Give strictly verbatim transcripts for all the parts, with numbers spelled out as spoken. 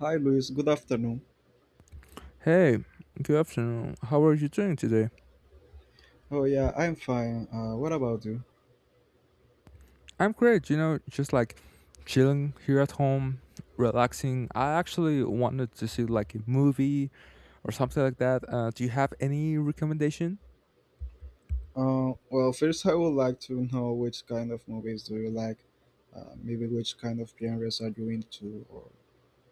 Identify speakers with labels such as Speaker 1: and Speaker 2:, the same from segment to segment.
Speaker 1: Hi, Luis. Good afternoon.
Speaker 2: Hey, good afternoon. How are you doing today?
Speaker 1: Oh, yeah, I'm fine. Uh, what about you?
Speaker 2: I'm great, you know, just like chilling here at home, relaxing. I actually wanted to see like a movie or something like that. Uh, do you have any recommendation?
Speaker 1: Uh, well, first, I would like to know which kind of movies do you like? Uh, maybe which kind of genres are you into, or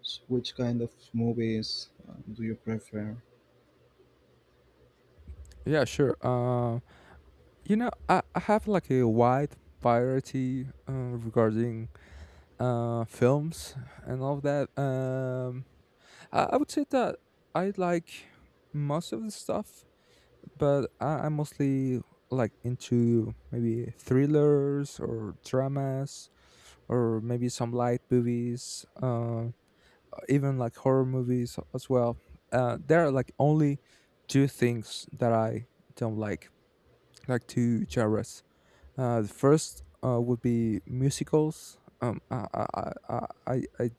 Speaker 1: s- which kind of movies uh, do you prefer?
Speaker 2: Yeah, sure. Uh, you know, I, I have like a wide variety uh, regarding uh, films and all of that. Um, I, I would say that I like most of the stuff, but I, I'm mostly like into maybe thrillers or dramas or maybe some light movies, uh, even like horror movies as well. Uh, there are like only two things that I don't like, like two genres. Uh, the first uh, would be musicals. Um, I, I, I, I I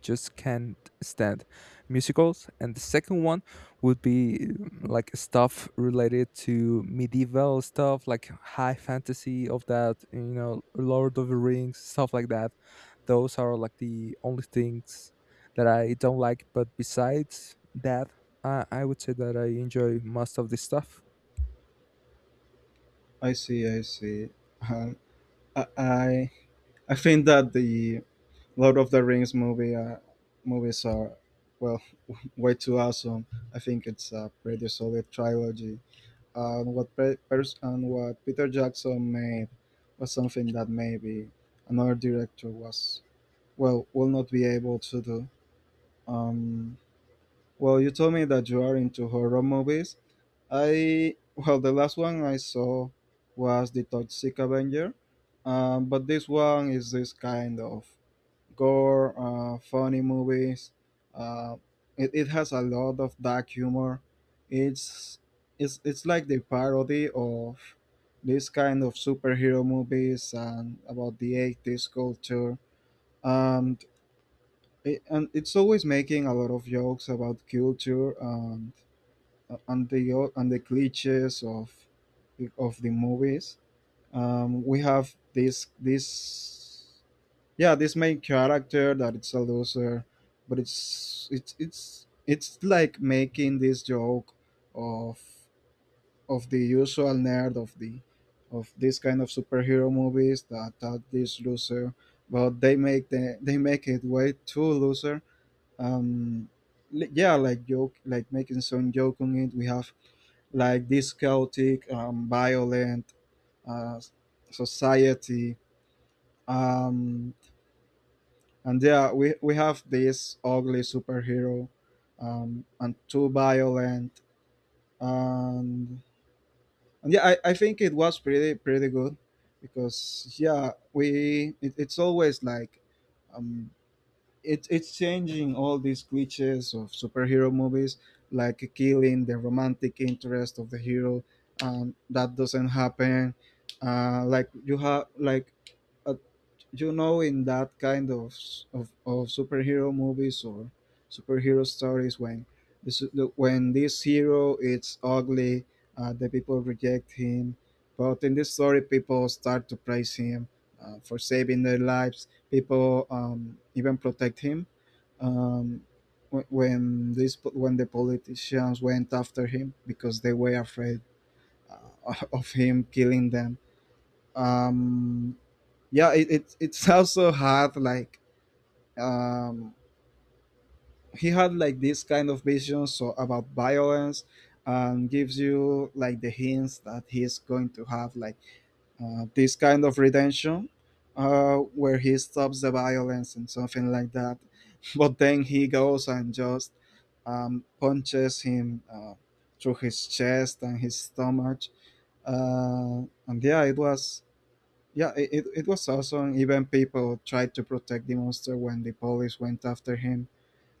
Speaker 2: just can't stand musicals. And the second one would be um, like stuff related to medieval stuff, like high fantasy of that, you know, Lord of the Rings, stuff like that. Those are like the only things that I don't like. But besides that, I, I would say that I enjoy most of this stuff.
Speaker 1: I see, I see. Uh, I, I, I think that the Lord of the Rings movie uh, movies are well way too awesome. I think it's a pretty solid trilogy. And what pre- pers- and what Peter Jackson made was something that maybe another director was well will not be able to do. Um, well, you told me that you are into horror movies. I well the last one I saw was the Toxic Avenger, um, but this one is this kind of gore, uh, funny movies. Uh, it, it has a lot of dark humor. It's it's it's like the parody of this kind of superhero movies and about the eighties culture. And it, and it's always making a lot of jokes about culture and and the o- and the cliches of of the movies. Um, we have this this yeah this main character that it's a loser but it's it's it's it's like making this joke of of the usual nerd of the of this kind of superhero movies that that this loser but they make the they make it way too loser, um li- yeah like joke like making some joke on it. We have like this chaotic um violent uh society. Um, and yeah, we, we have this ugly superhero, um, and too violent. And, and yeah, I, I think it was pretty, pretty good because yeah, we, it, it's always like, um, it, it's changing all these cliches of superhero movies, like killing the romantic interest of the hero, and that doesn't happen. Uh, like you have like, uh, you know in that kind of s- of, of superhero movies or superhero stories when the, su- the when this hero is ugly, uh, the people reject him, but in this story people start to praise him, uh, for saving their lives people, um, even protect him, um, wh- when this po- when the politicians went after him because they were afraid uh, of him killing them. Um, yeah it, it it's also had like um he had like this kind of vision so about violence, and gives you like the hints that he's going to have like uh, this kind of redemption uh where he stops the violence and something like that, but then he goes and just um, punches him uh, through his chest and his stomach, uh, and yeah it was yeah, it, it, it was awesome. Even people tried to protect the monster when the police went after him.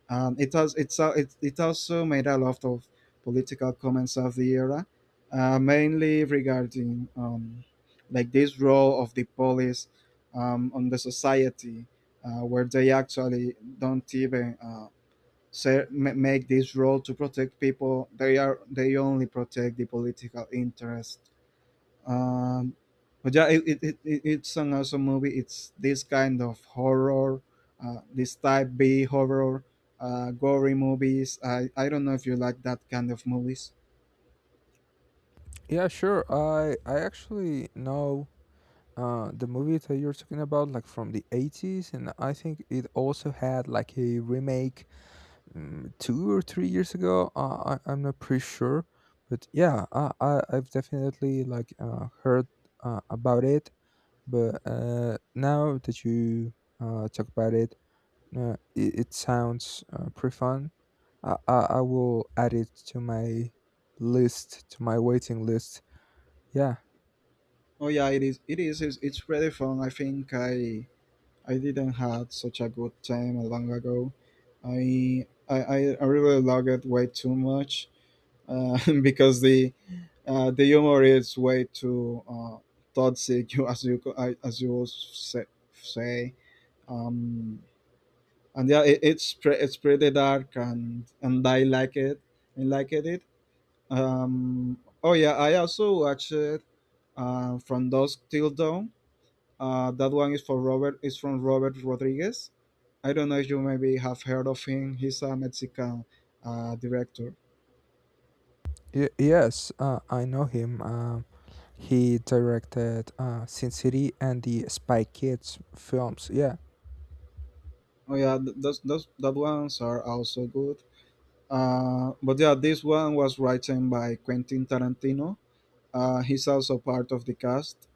Speaker 1: Um, it, was, it's, al- it, it also made a lot of political comments of the era, uh, mainly regarding um, like this role of the police um, on the society, uh, where they actually don't even uh, ser- ma- make this role to protect people. They are they only protect the political interest, um, but yeah, it, it, it, it- it's an awesome movie. It's this kind of horror, uh, this type B horror, uh, gory movies. I, I don't know if you like that kind of movies.
Speaker 2: Yeah, sure. I I actually know uh the movie that you're talking about, like from the eighties, and I think it also had like a remake, um, two or three years ago. Uh, I, i'm not pretty sure, but yeah, I, I i've definitely like uh, heard uh, about it. But uh now that you uh talk about it, uh, it, it sounds uh, pretty fun. I, I i will add it to my list, to my waiting list. Yeah.
Speaker 1: Oh yeah, it is. It is. It's, it's pretty fun. I think I I didn't had such a good time a long ago. I I, I I really love it way too much uh, because the uh, the humor is way too uh, toxic. You as you co- I- as you say. say um and yeah it, it's pre- it's pretty dark and and I like it. I liked it um Oh yeah, I also watched it uh From Dusk Till Dawn. Uh that one is for robert is from Robert Rodriguez. I don't know if you maybe have heard of him. He's a Mexican uh director.
Speaker 2: Y- yes uh, i know him um He directed uh, Sin City and the Spy Kids films. Yeah,
Speaker 1: Oh yeah, th- those those that ones are also good, uh but yeah this one was written by Quentin Tarantino. Uh he's also part of the cast,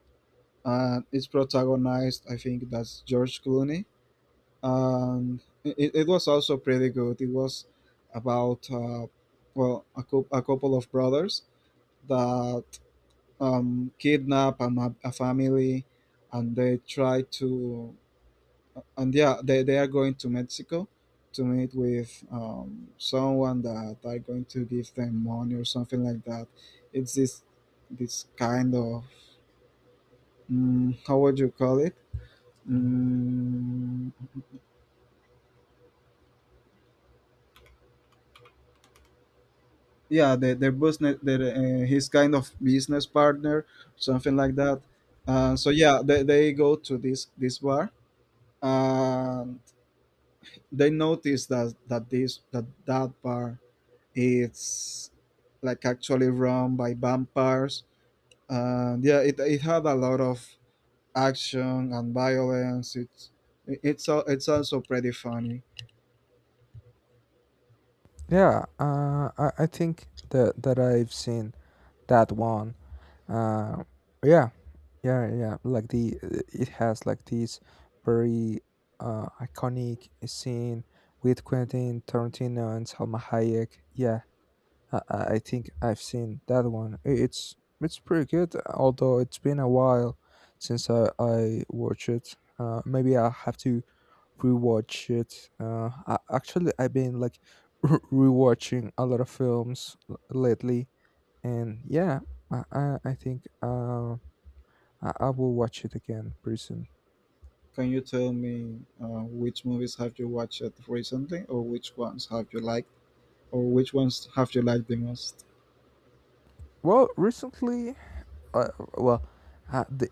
Speaker 1: and it's protagonized, I think that's George Clooney. And it, it was also pretty good. It was about uh, well a, cou- a couple of brothers that um, kidnap a, ma- a family, and they try to and yeah they, they are going to Mexico to meet with um, someone that are going to give them money or something like that. It's this this kind of mm, how would you call it, mm, yeah their, their business their uh, his kind of business partner, something like that. Uh, so yeah they, they go to this this bar, and they notice that that this that that bar it's like actually run by vampires. And yeah it, it had a lot of action and violence. It's it's al- it's also pretty funny.
Speaker 2: yeah. Uh, I, I think that that I've seen that one. Uh, yeah, yeah, yeah. Like the it has like this very uh, iconic scene with Quentin Tarantino and Salma Hayek. Yeah, I, I I think I've seen that one. I- It's it's pretty good, although it's been a while since I, I watched it. Uh, maybe I'll have to rewatch it. Uh, I, actually, I've been like rewatching a lot of films l- lately, and yeah, I I, I think uh, I, I will watch it again pretty soon.
Speaker 1: Can you tell me uh, which movies have you watched recently, or which ones have you liked, or which ones have you liked the most?
Speaker 2: Well, recently, uh, well, uh, the,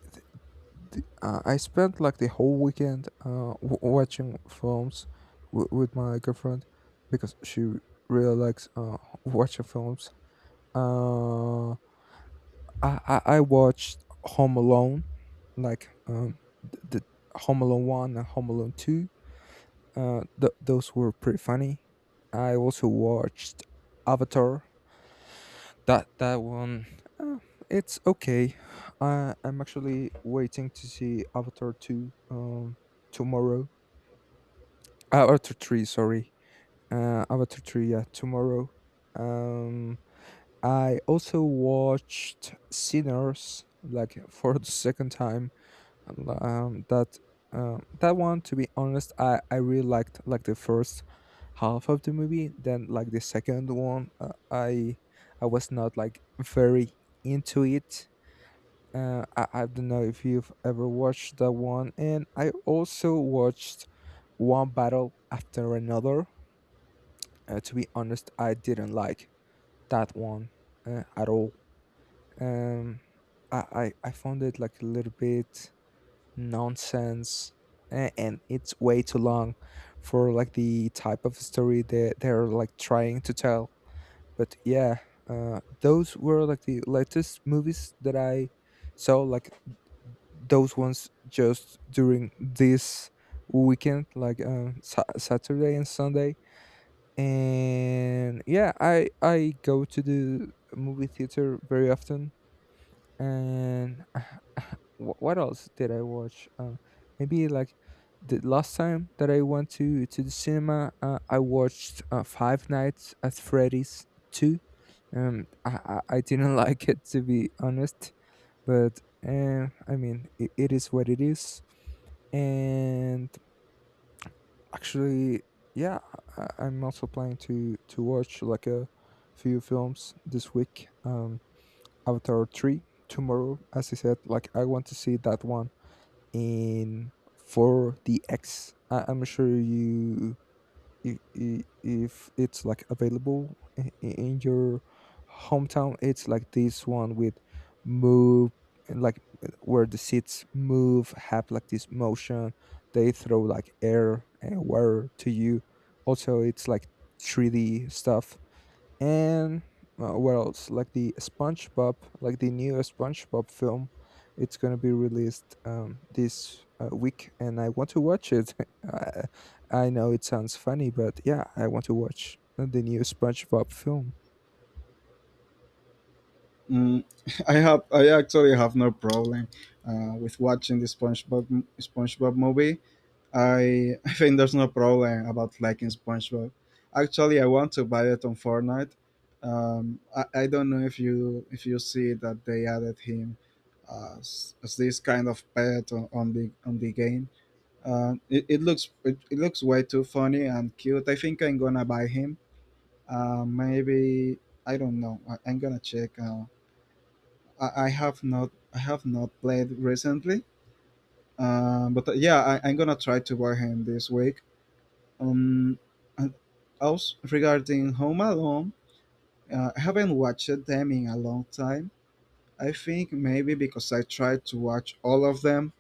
Speaker 2: uh, I spent like the whole weekend uh, w- watching films w- with my girlfriend because she really likes uh, watching films. Um I, I I watched Home Alone, like um the, the Home Alone one and Home Alone two. Uh, th- those were pretty funny. I also watched Avatar. That that one, uh, it's okay. I I'm actually waiting to see Avatar two um tomorrow. Uh, Avatar three, sorry. Uh, Avatar three, yeah, tomorrow. Um, I also watched Sinners, like, for the second time. And, um that um that one, to be honest, i i really liked like the first half of the movie. Then like the second one, uh, i i was not like very into it. Uh I, I don't know if you've ever watched that one. And I also watched One Battle After Another. Uh, to be honest, i didn't like that one uh, at all. Um I, I i found it like a little bit nonsense, a- and it's way too long for like the type of story that they're like trying to tell. But yeah, uh, those were like the latest movies that i saw, like those ones just during this weekend, like uh, sa- saturday and Sunday. And yeah, i i go to the movie theater very often. And wh- what else did I watch? Uh, maybe like the last time that I went to to the cinema, uh, I watched uh, Five Nights at Freddy's two. Um, I, I I didn't like it, to be honest, but uh, I mean it, it is what it is. And actually, yeah, I, I'm also planning to to watch like a few films this week. Um, Avatar three tomorrow. As I said, like I want to see that one in four D X. Am sure you, if, if it's like available i- i- in your hometown. It's like this one with move, like, where the seats move, have like this motion, they throw like air and water to you. Also, it's like three D stuff. And uh, what else? Like the SpongeBob, like the new SpongeBob film, it's going to be released um, this uh, week, and I want to watch it. I, I know it sounds funny, but yeah, I want to watch the new SpongeBob film.
Speaker 1: Mm, I have. I actually have no problem uh, with watching the SpongeBob SpongeBob movie. I I think there's no problem about liking SpongeBob. Actually, I want to buy it on Fortnite. Um, I, I don't know if you if you see that they added him as, as this kind of pet on, on the on the game. Uh, it, it looks it, it looks way too funny and cute. I think I'm gonna buy him. Uh, maybe I don't know. I, I'm gonna check. Uh, I, I have not. I have not played recently. Uh, but uh, Yeah, I, I'm gonna try to buy him this week. Um, and also regarding Home Alone, uh, I haven't watched them in a long time. I think maybe because I tried to watch all of them,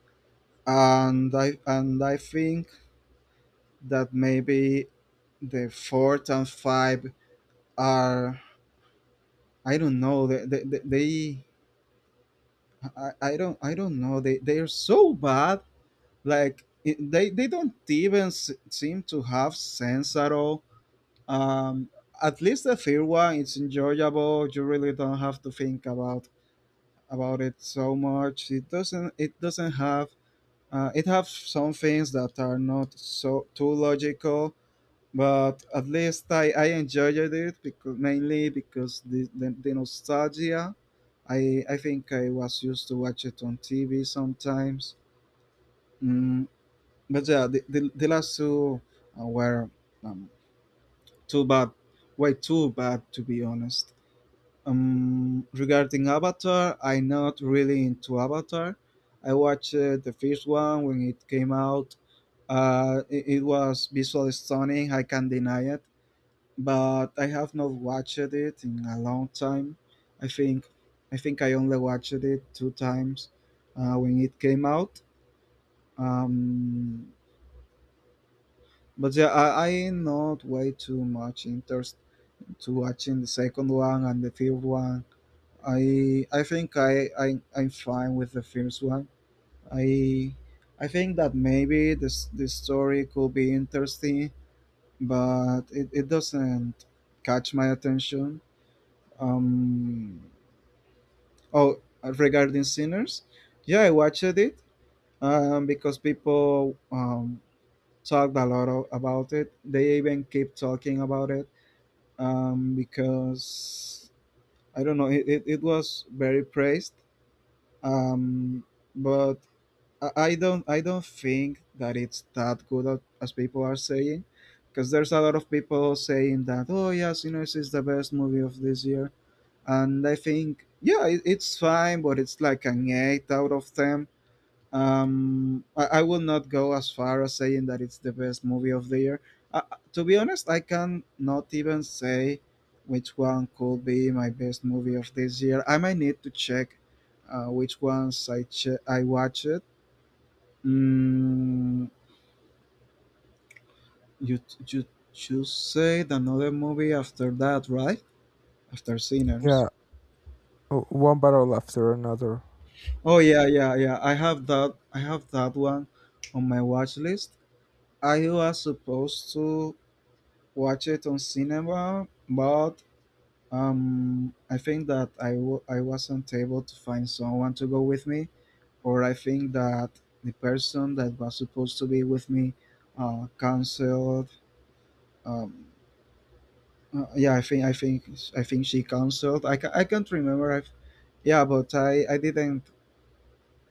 Speaker 1: and I and I think that maybe the fourth and five are I don't know. They they, they I, I don't I don't know. They they are so bad. Like it, they they don't even s- seem to have sense at all. Um, at least the third one, it's enjoyable. You really don't have to think about about it so much. It doesn't it doesn't have uh, it have some things that are not so too logical, but at least I, I enjoyed it because mainly because the, the, the nostalgia. I I think I was used to watch it on T V sometimes. Mm, but yeah, the, the, the last two uh, were um, too bad, way too bad to be honest. Um, regarding Avatar, I'm not really into Avatar. I watched uh, the first one when it came out. Uh, it, it was visually stunning. I can't deny it, but I have not watched it in a long time. I think I think I only watched it two times uh, when it came out. Um, but yeah, I, I not way too much interest to watching the second one and the third one. I I think I, I, I'm fine with the first one. I I think that maybe this this story could be interesting, but it, it doesn't catch my attention. Um, Oh, regarding Sinners, yeah, I watched it um, because people um, talked a lot of, about it. They even keep talking about it um, because I don't know. It, it, it was very praised, um, but I, I don't I don't think that it's that good a- as people are saying. Because there's a lot of people saying that, oh yeah, Sinners is the best movie of this year, and I think yeah, it, it's fine, but it's like an eight out of ten. Um, I, I will not go as far as saying that it's the best movie of the year. Uh, uh, to be honest, I can not even say which one could be my best movie of this year. I might need to check uh, which ones I che- I watched. Mm, you you you said another movie after that, right? After Sinners.
Speaker 2: Yeah. O- one Battle After Another.
Speaker 1: Oh yeah, yeah, yeah. I have that. I have that one on my watch list. I was supposed to watch it on cinema, but um, I think that I w- I wasn't able to find someone to go with me, or I think that the person that was supposed to be with me, uh, canceled. Um, uh, yeah, I think I think I think she canceled. I ca- I can't remember. I have Yeah, but I I didn't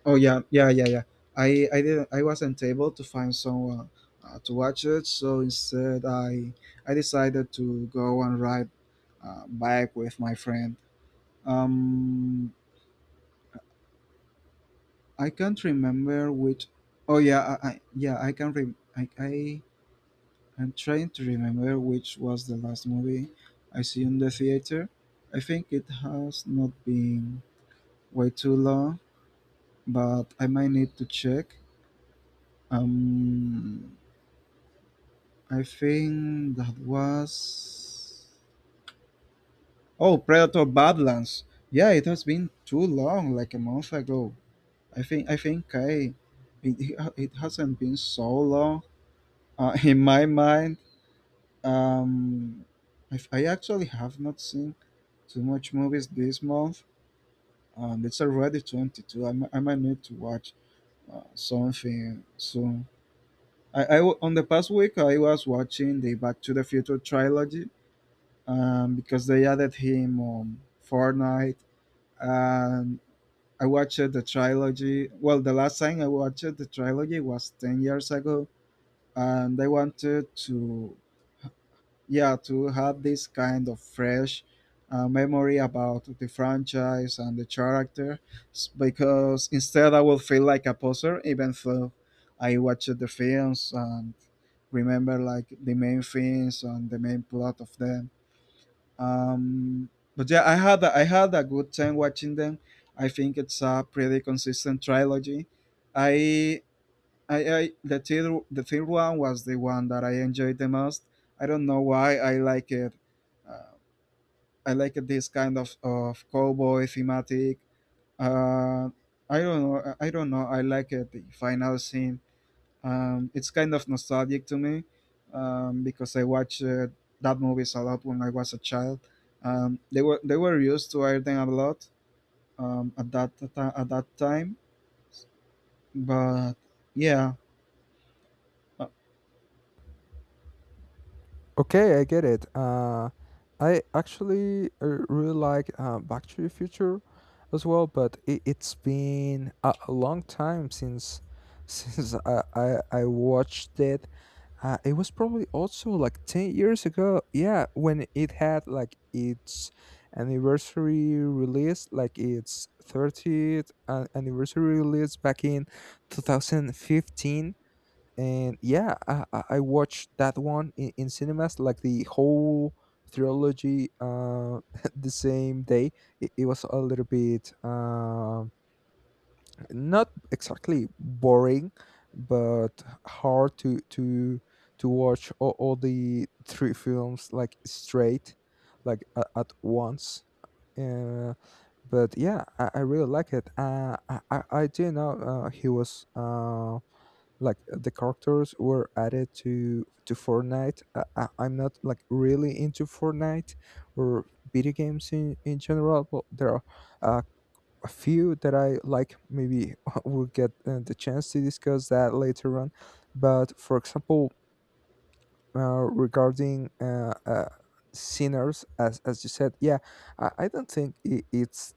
Speaker 1: Oh yeah, yeah, yeah, yeah. I I didn't I wasn't able to find someone uh, to watch it, so instead I I decided to go and ride uh, bike with my friend. Um, I can't remember which. Oh yeah, I, I yeah I can rem I, I I'm trying to remember which was the last movie I see in the theater. I think it has not been way too long, but I might need to check. Um, I think that was oh Predator Badlands. Yeah, it has been too long, like a month ago. I think I think I it, it hasn't been so long uh, in my mind. Um, I, I actually have not seen too much movies this month, and it's already twenty two. I, mi- I might need to watch uh, something soon. I, I w- on the past week I was watching the Back to the Future trilogy um, because they added him on Fortnite. And I watched the trilogy. Well, the last time I watched the trilogy was ten years ago. And I wanted to, yeah, to have this kind of fresh uh, memory about the franchise and the character s- because instead I will feel like a poser even though I watched the films and remember like the main things and the main plot of them um, but yeah, I had a, I had a good time watching them. I think it's a pretty consistent trilogy. I I, I the third the third one was the one that I enjoyed the most. I don't know why I like it. Uh, I like this kind of of cowboy thematic. Uh, I don't know. I don't know. I like it. The final scene um, it's kind of nostalgic to me um, because I watched uh, that movies a lot when I was a child. Um, they were they were used to Iron a lot um, at that ta- at that time, but yeah. uh,
Speaker 2: Okay, I get it. Uh, I actually uh, really like uh, Back to the Future as well, but it, it's been a, a long time since since I, I I watched it. Uh, it was probably also like ten years ago. Yeah, when it had like its anniversary release, like its thirtieth uh, anniversary release back in two thousand fifteen. And yeah, I, I I watched that one in, in cinemas, like the whole trilogy, uh, the same day. It, it was a little bit um, not exactly boring, but hard to to to watch all, all the three films like straight, like a- at once. Uh, but yeah, I, I really like it. Uh, I, I I do know uh, he was uh, like uh, the characters were added to to Fortnite. Uh, I, I'm not like really into Fortnite or video games in in general, but there are uh, a few that I like. Maybe we'll get uh, the chance to discuss that later on. But for example, uh, regarding uh, uh, Sinners, as as you said, yeah, I, I don't think I it's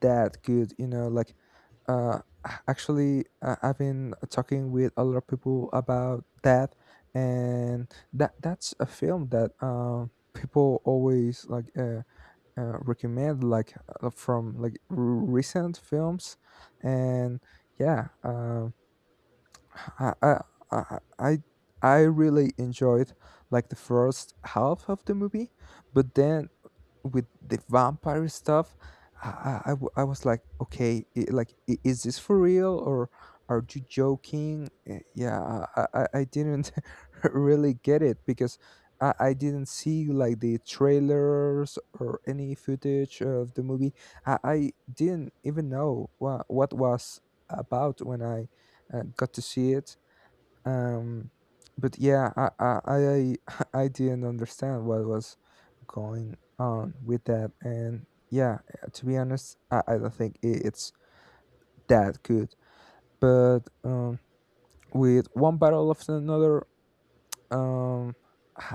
Speaker 2: that good, you know, like uh a- actually uh, i've been talking with a lot of people about that. And that that's a film that um people always like uh, uh recommend, like uh, from like r- recent films. And yeah, um I, I i i I really enjoyed like the first half of the movie, but then with the vampire stuff, i i, I w- I was like, okay, i like i- is this for real, or are you joking? Eh, yeah i i, I didn't really get it, because I, I didn't see like the trailers or any footage of the movie. I, I didn't even know what, what was about when i uh, got to see it. Um but yeah, I I I I I didn't understand what was going on with that. And yeah, uh, to be honest i, I don't think i- it's that good. But um with One Battle After Another, um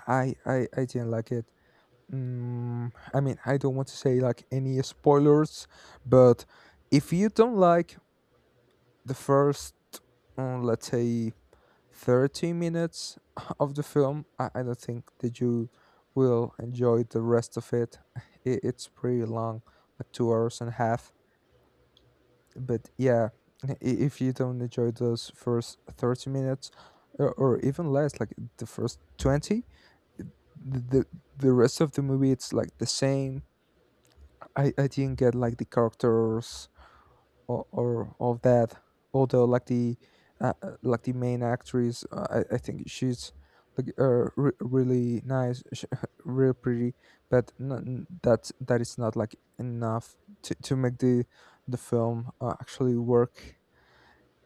Speaker 2: i i i didn't like it. Mm, I mean, I don't want to say like any spoilers, but if you don't like the first, uh, let's say, thirty minutes of the film. I, I don't think that you will enjoy the rest of it. I- It's pretty long, like two hours and a half. But yeah, i- if you don't enjoy those first thirty minutes or, or even less, like the first twenty, the the the rest of the movie, it's like the same. I, I didn't get like the characters or, or of that, although like the uh, uh, like the main actress, uh, I, I think she's like uh, re- really nice sh- real pretty. But n- that that is not like enough to, to make the the film uh, actually work.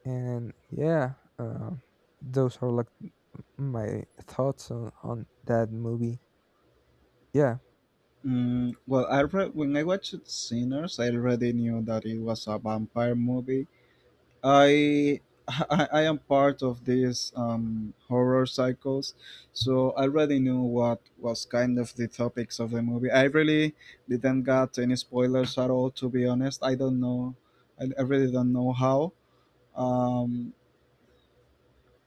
Speaker 2: And yeah, uh, those are like my thoughts on, on that movie. Yeah.
Speaker 1: Mm, well, I re- when I watched Sinners, I already knew that it was a vampire movie. I I, I am part of these um, horror cycles, so I already knew what was kind of the topics of the movie. I really didn't get any spoilers at all, to be honest. I don't know. I, I really don't know how. Um,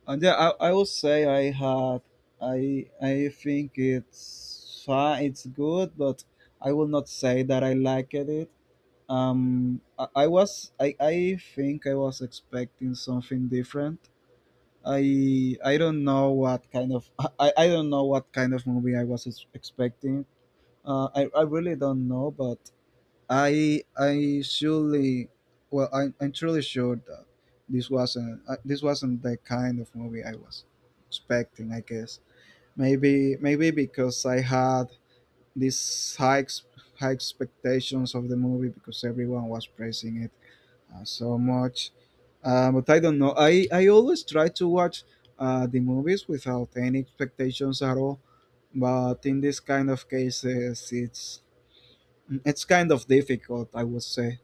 Speaker 1: and yeah, I, I will say I had. I I think it's fine. It's good, but I will not say that I liked it. Um, I, I was I, I think I was expecting something different. I I don't know what kind of I, I don't know what kind of movie I was ex- expecting. Uh, I, I really don't know, but I I surely well I, I'm truly sure that this wasn't uh, this wasn't the kind of movie I was expecting. I guess maybe maybe because I had these high ex- high expectations of the movie because everyone was praising it, uh, so much. Uh, but I don't know. I, I always try to watch uh, the movies without any expectations at all. But in this kind of cases, it's it's kind of difficult, I would say.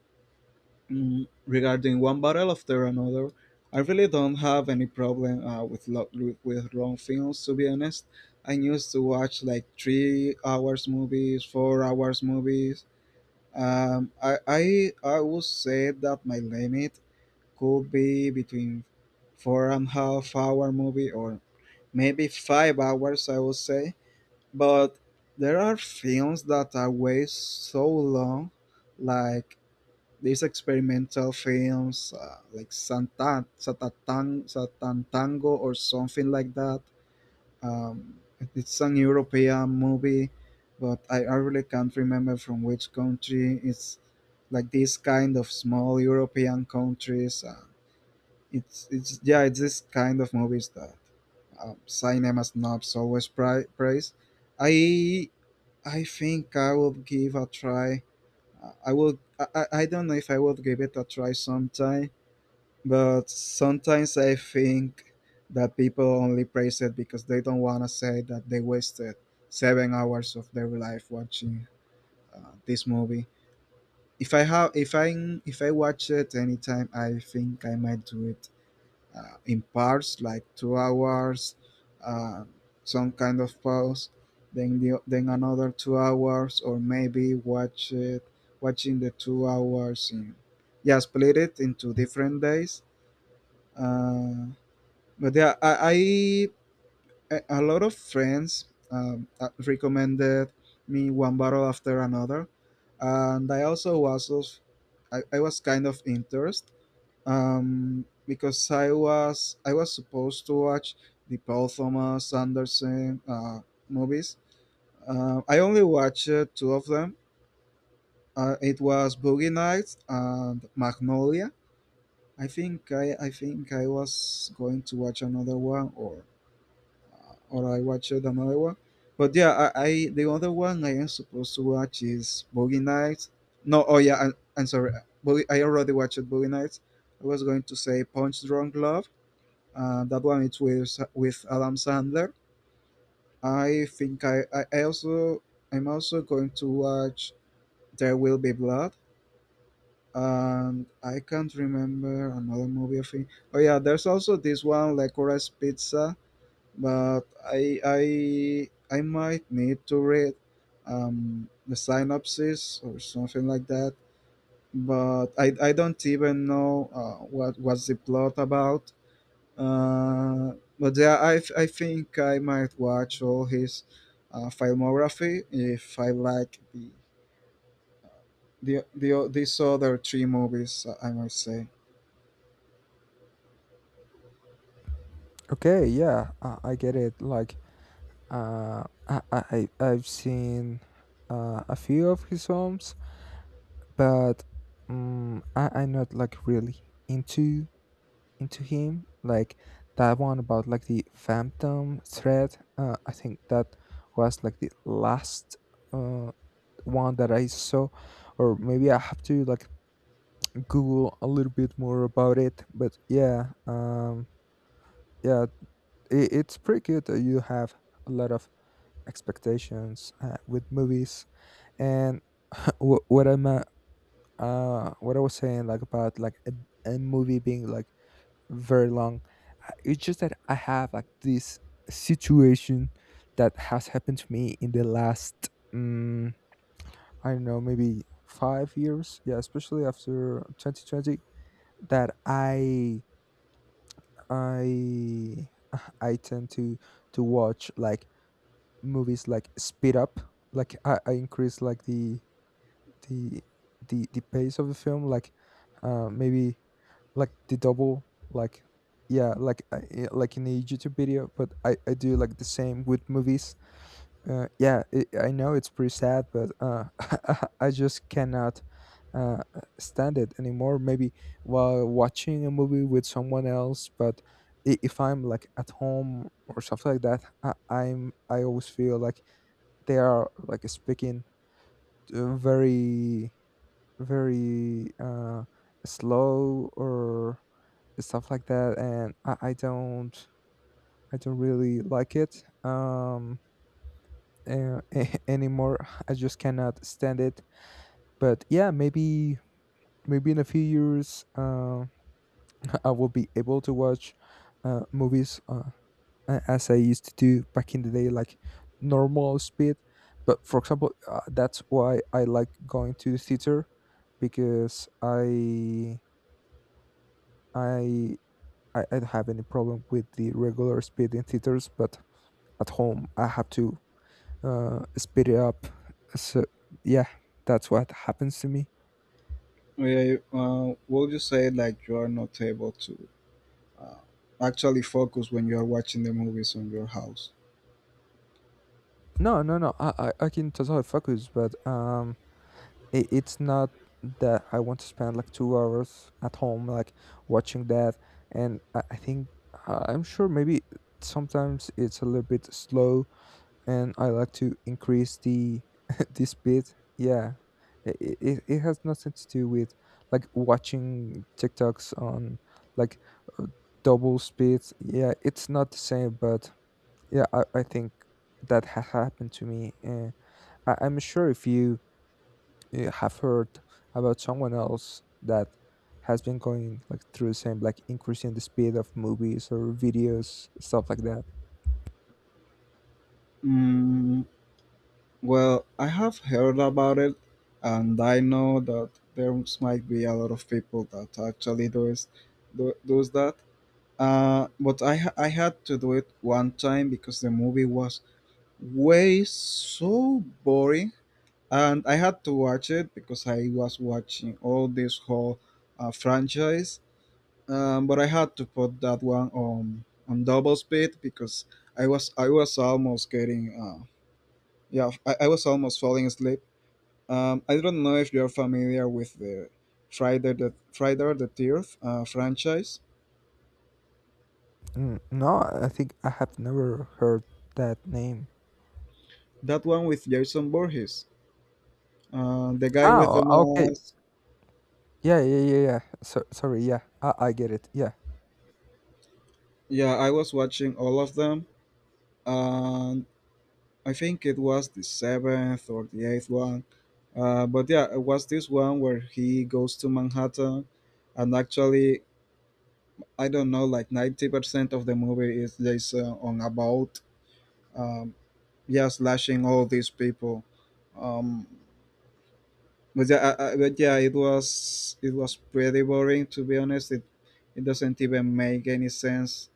Speaker 1: Mm, regarding one battle after another, I really don't have any problem uh, with lo- with long films. To be honest, I used to watch like three hours movies, four hours movies. Um, I, I I would say that my limit could be between four and half hour movie or maybe five hours I would say, but there are films that are way so long, like these experimental films uh, like Santan, Satatan, Satantango or something like that um, it's an european movie, but I, I really can't remember from which country it's like these kind of small european countries. Uh, it's it's yeah it's this kind of movies that um, cinema snobs always pri- praise. i I think I will give a try. Uh, i will I, I I don't know if I will give it a try sometime, but sometimes I think that people only praise it because they don't want to say that they wasted seven hours of their life watching uh, this movie. If I have if i if I watch it anytime I think I might do it uh, in parts like two hours, uh, some kind of pause, then the, then another two hours or maybe watch it watching the two hours in, yeah, split it into different days. Uh, but yeah I, I a a lot of friends um, uh, recommended me one bottle after another, and I also was of, I, I was kind of interested um, because I was I was supposed to watch the Paul Thomas Anderson uh, movies. Uh, I only watched uh, two of them. Uh, it was Boogie Nights and Magnolia. I think I, I think I was going to watch another one, or uh, or I watched another one. But yeah, I, I the other one I am supposed to watch is Boogie Nights. No, oh yeah, I, I'm sorry. Boogie, I already watched Boogie Nights. I was going to say Punch Drunk Love. Uh, that one it's with with Adam Sandler. I think I, I I also I'm also going to watch There Will Be Blood. And I can't remember another movie. I think. Oh yeah, there's also this one, Licorice Pizza. But I I I might need to read um, the synopsis or something like that. But I, I don't even know uh, what was the plot about. Uh, but yeah, I, I think I might watch all his uh, filmography if I like the, the, the these other three movies. uh, I might say.
Speaker 2: Okay, yeah, i, I get it, like, uh I, I I- i've seen uh, a few of his films. But mm I, I'm not like really into into him. Like that one about, like, the Phantom Thread. Uh, I think that was like the last uh one that I saw, or maybe I have to like Google a little bit more about it. But yeah, um, yeah, it, it's pretty good that you have a lot of expectations uh, with movies and wh- what I'm uh what I was saying like about like a, a movie being like very long. I- it's just that I have like this situation that has happened to me in the last um I don't know, maybe five years, yeah, especially after twenty twenty. That i i i tend to to watch like movies like speed up. Like i, I increase like the the the the pace of the film, like uh maybe like the double, like yeah, like uh, yeah, like in the youtube video, but i i do like the same with movies. uh yeah it, I know it's pretty sad, but uh I just cannot uh stand it anymore, maybe while watching a movie with someone else. But i- if I'm like at home or something like that, I, i'm i always feel like they are like speaking uh, very very uh slow or stuff like that, and I, I don't I don't really like it. um uh, Anymore I just cannot stand it. But yeah, maybe maybe in a few years uh, I will be able to watch uh, movies uh, a- as I used to do back in the day, like normal speed. But for example, uh, that's why I like going to the theater, because I I I, I don't have any problem with the regular speed in theaters, but at home I have to uh, speed it up. So yeah, that's what happens to me.
Speaker 1: Yeah, uh, would you say like you are not able to uh, actually focus when you are watching the movies on your house?
Speaker 2: No, no, no. I, I, I can totally focus, but um, it, it's not that I want to spend like two hours at home like watching that. And I, I think I- I'm sure, maybe sometimes it's a little bit slow and I like to increase the the speed. Yeah, it, it, it has nothing to do with like watching TikToks on like uh, double speed. Yeah, it's not the same, but yeah, I, I think that has happened to me. Uh, I, I'm sure if you uh, have heard about someone else that has been going like through the same, like increasing the speed of movies or videos, stuff like that.
Speaker 1: Mm, well, I have heard about it, and I know that there might be a lot of people that actually does do, does that. Uh, but I ha- I had to do it one time because the movie was way so boring, and I had to watch it because I was watching all this whole uh, franchise. Um, but I had to put that one on on double speed because I was I was almost getting uh, yeah I, I was almost falling asleep. Um, I don't know if you're familiar with the Friday the Friday the Thirteenth uh, franchise.
Speaker 2: N no, I think I have never heard that name.
Speaker 1: That one with Jason Voorhees. Uh, the guy with
Speaker 2: Oh,
Speaker 1: the
Speaker 2: okay.
Speaker 1: mask.
Speaker 2: Yeah, yeah, yeah, yeah. So sorry, yeah. I, I get it. Yeah.
Speaker 1: Yeah, I was watching all of them, and I think it was the seventh or the eighth one. Uh, but yeah, it was this one where he goes to Manhattan, and actually, I don't know, like ninety percent of the movie is just uh, on a boat. Um, yeah, slashing all these people. Um, but yeah, I, I, but yeah, it was it was pretty boring to be honest. It it doesn't even make any sense.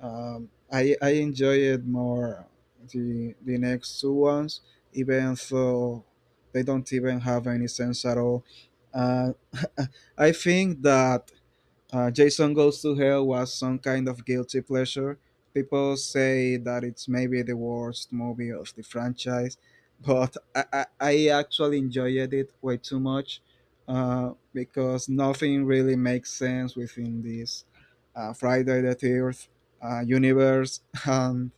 Speaker 1: Um, I I enjoyed more the the next two ones, even though they don't even have any sense at all. Uh, I think that uh, Jason Goes to Hell was some kind of guilty pleasure. People say that it's maybe the worst movie of the franchise, but I, I, I actually enjoyed it way too much uh, because nothing really makes sense within this uh, Friday the thirteenth uh, universe. And,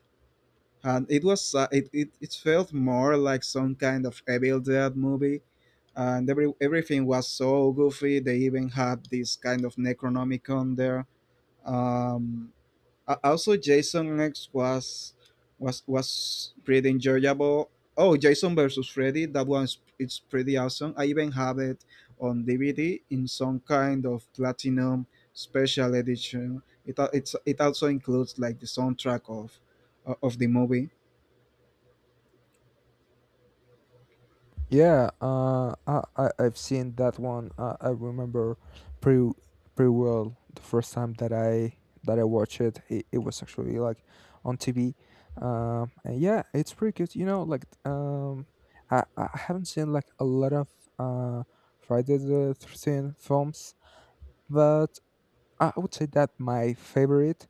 Speaker 1: and it was uh, it, it, it felt more like some kind of Evil Dead movie and every, everything was so goofy. They even had this kind of Necronomicon there. um, a- Also, Jason X was was was pretty enjoyable. Oh, Jason versus Freddy, that one's it's pretty awesome. I even have it on D V D in some kind of platinum special edition. It al- it's it also includes like the soundtrack of of the movie.
Speaker 2: Yeah, uh I, I I've seen that one. I, I remember pretty pretty well the first time that I that I watched it. It, it was actually like on T V. Um and yeah, it's pretty good. You know, like um I I haven't seen like a lot of uh Friday the thirteenth films, but I I would say that my favorite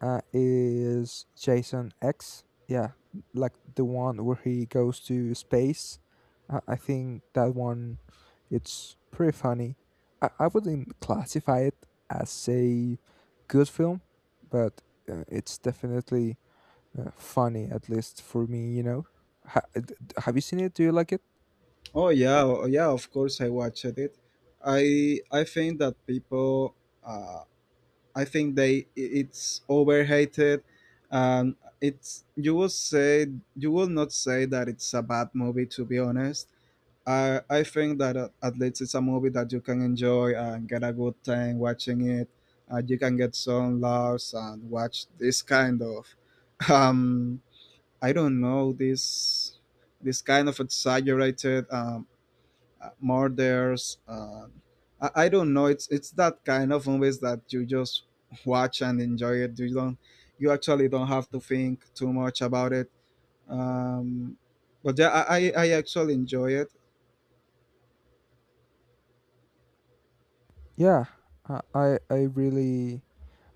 Speaker 2: uh, is Jason X. Yeah, like the one where he goes to space. Uh, I think that one, it's pretty funny. I, I wouldn't classify it as a good film, but uh, it's definitely uh, funny, at least for me, you know. Ha- d- d- have you seen it? Do you like it?
Speaker 1: Oh yeah, oh, yeah. Of course, I watched it. I I think that people. Uh, I think they it's overrated. Um, it's you will say you will not say that it's a bad movie. To be honest, I I think that uh, at least it's a movie that you can enjoy and get a good time watching it. Uh, you can get some laughs and watch this kind of, um, I don't know, this this kind of exaggerated um, uh, murders. Uh, I, I don't know. It's it's that kind of movies that you just watch and enjoy it. You don't. You actually don't have to think too much about it. Um, but yeah, I, I I actually enjoy it.
Speaker 2: Yeah, I, I I really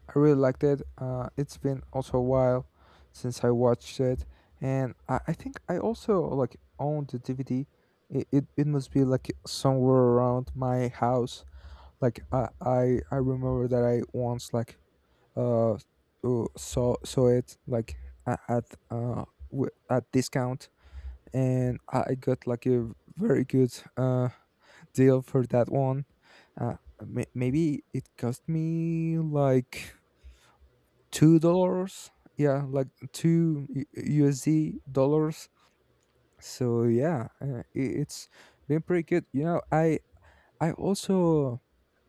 Speaker 2: I really liked it. Uh, it's been also a while since I watched it, and I, I think I also like owned the D V D. It, it it must be like somewhere around my house. Like I I, I remember that I once like uh uh, saw saw it like a- at uh w- at discount, and I I got like a very good uh deal for that one. Uh, may- maybe it cost me like two dollars, yeah, like two U- usd dollars. So yeah, uh, i- it's been pretty good, you know. I i also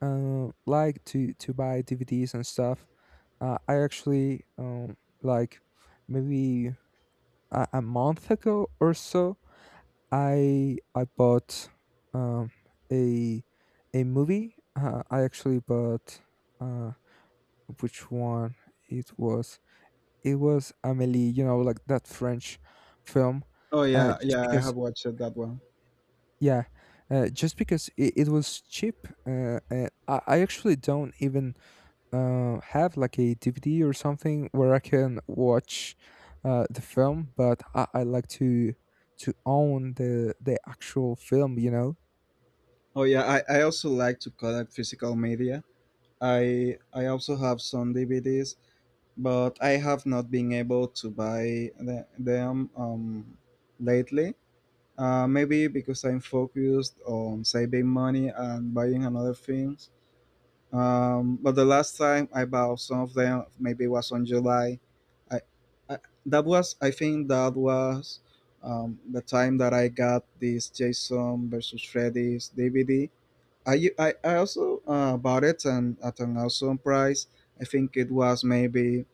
Speaker 2: uh, like to to buy dvds and stuff. uh, I actually um like maybe a, a month ago or so i i bought um a a movie. Uh, I actually bought uh which one it was It was Amélie, you know, like that French film,
Speaker 1: Oh
Speaker 2: uh,
Speaker 1: yeah,
Speaker 2: just
Speaker 1: yeah, I
Speaker 2: because,
Speaker 1: have watched that one.
Speaker 2: yeah, uh, just because it, it was cheap. Uh, and I, I actually don't even uh, have like a D V D or something where I can watch uh, the film, but I, I like to to own the the actual film, you know.
Speaker 1: Oh yeah, I, I also like to collect physical media. I I also have some D V Ds, but I have not been able to buy the, them, um, lately. Uh, maybe because I'm focused on saving money and buying another things. Um, but the last time I bought some of them, maybe it was on July. I, I that was I think that was um, the time that I got this Jason versus Freddy's D V D. I, u- I, I also uh, bought it and at an awesome price. I think it was maybe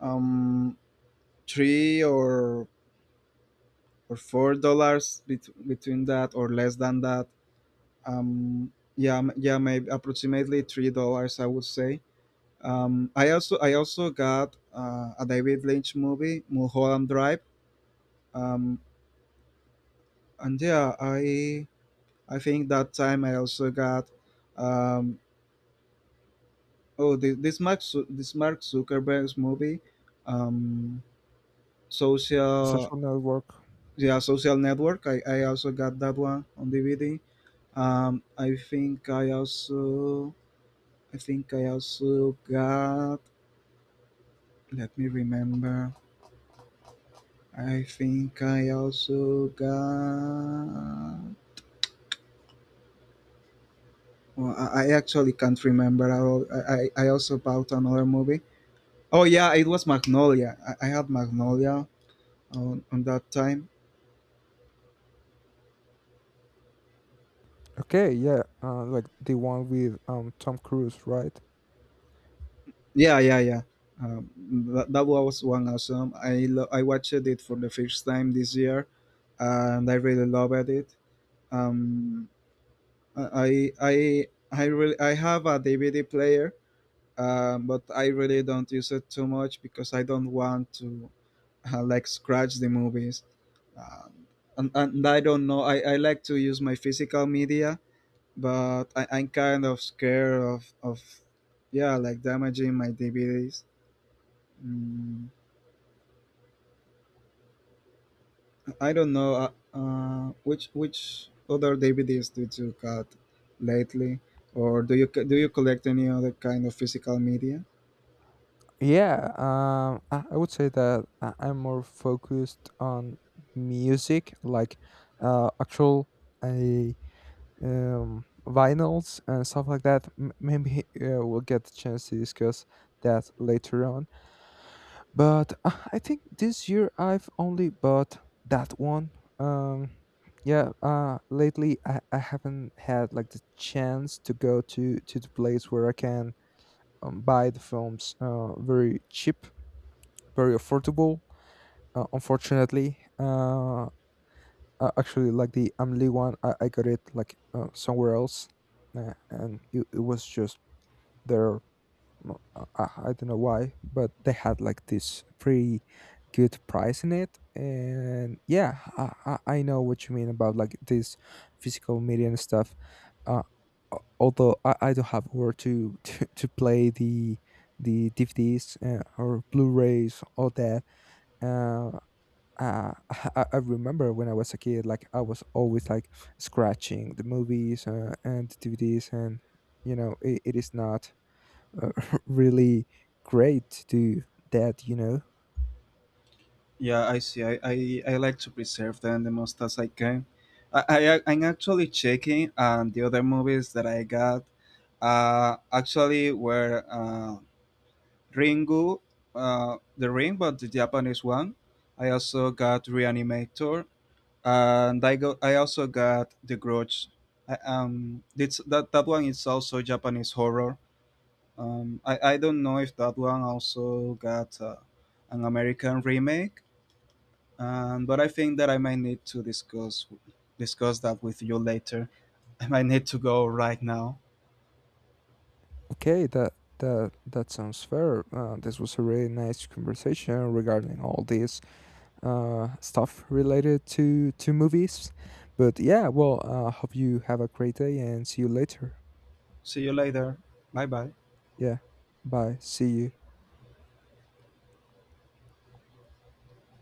Speaker 1: um, three or or four dollars bet- between that or less than that. Um, yeah, m- yeah, maybe approximately three dollars, I would say. Um, I also I also got uh, a David Lynch movie, Mulholland Drive. Um, and yeah, I I think that time I also got um, oh, the, this Mark Zu- this Mark Zuckerberg's movie, um,
Speaker 2: The
Speaker 1: social
Speaker 2: Social Network.
Speaker 1: yeah, social network. I, I also got that one on D V D. Um, I think I also I think I also got. Let me remember. I think I also got. Well, I, I actually can't remember. I, al- I I I also bought another movie. Oh yeah, it was Magnolia. I, I had Magnolia on, on that time.
Speaker 2: Okay, yeah, uh, like the one with um Tom Cruise, right?
Speaker 1: Yeah, yeah, yeah. Um, that, that was one awesome. I lo- I watched it for the first time this year, and I really loved it. Um, I I I really I have a D V D player, um, but I really don't use it too much because I don't want to uh, like scratch the movies. Um, and, and I don't know. I, I like to use my physical media, but I, I'm kind of scared of of yeah, like damaging my D V Ds. Mm, I don't know uh, uh, which which other D V Ds did you got lately, or do you do you collect any other kind of physical media?
Speaker 2: Yeah, um, I, I would say that I, I'm more focused on music, like uh, actual uh, um, vinyls and stuff like that. M- maybe uh, we'll get the chance to discuss that later on. But uh, I think this year I've only bought that one. Um, yeah, uh, lately I, I haven't had like the chance to go to to the place where I can um, buy the films uh, very cheap, very affordable. Uh, unfortunately, uh, uh, actually, like the Amli one, I, I got it like uh, somewhere else, uh, and it, it was just there. Uh, I, I don't know why, but they had like this pretty good price in it. And yeah, I, I, I know what you mean about like this physical media and stuff. Uh, al- Although I, I don't have where to, to to play the the D V Ds uh, or Blu-rays, all that. Uh, uh, I, I remember when I was a kid, like I was always like scratching the movies uh, and the D V Ds, and you know, it, it is not uh, really great to do that. You know,
Speaker 1: Yeah, I see. I, I, I like to preserve them the most as I can. I, I I'm actually checking, and the other movies that I got uh, actually were uh, Ringu, uh, the Ring, but the Japanese one. I also got Reanimator, and I go. I also got The Grudge. I, um, it's, that that one is also Japanese horror. Um, I I don't know if that one also got uh, an American remake. Um, but I think that I might need to discuss discuss that with you later. I might need to go right now.
Speaker 2: okay, that that that sounds fair. Uh, this was a really nice conversation regarding all this uh, stuff related to to movies. But yeah, well, uh, hope you have a great day, and see you later.
Speaker 1: See you later. Bye bye.
Speaker 2: Yeah, bye. See you.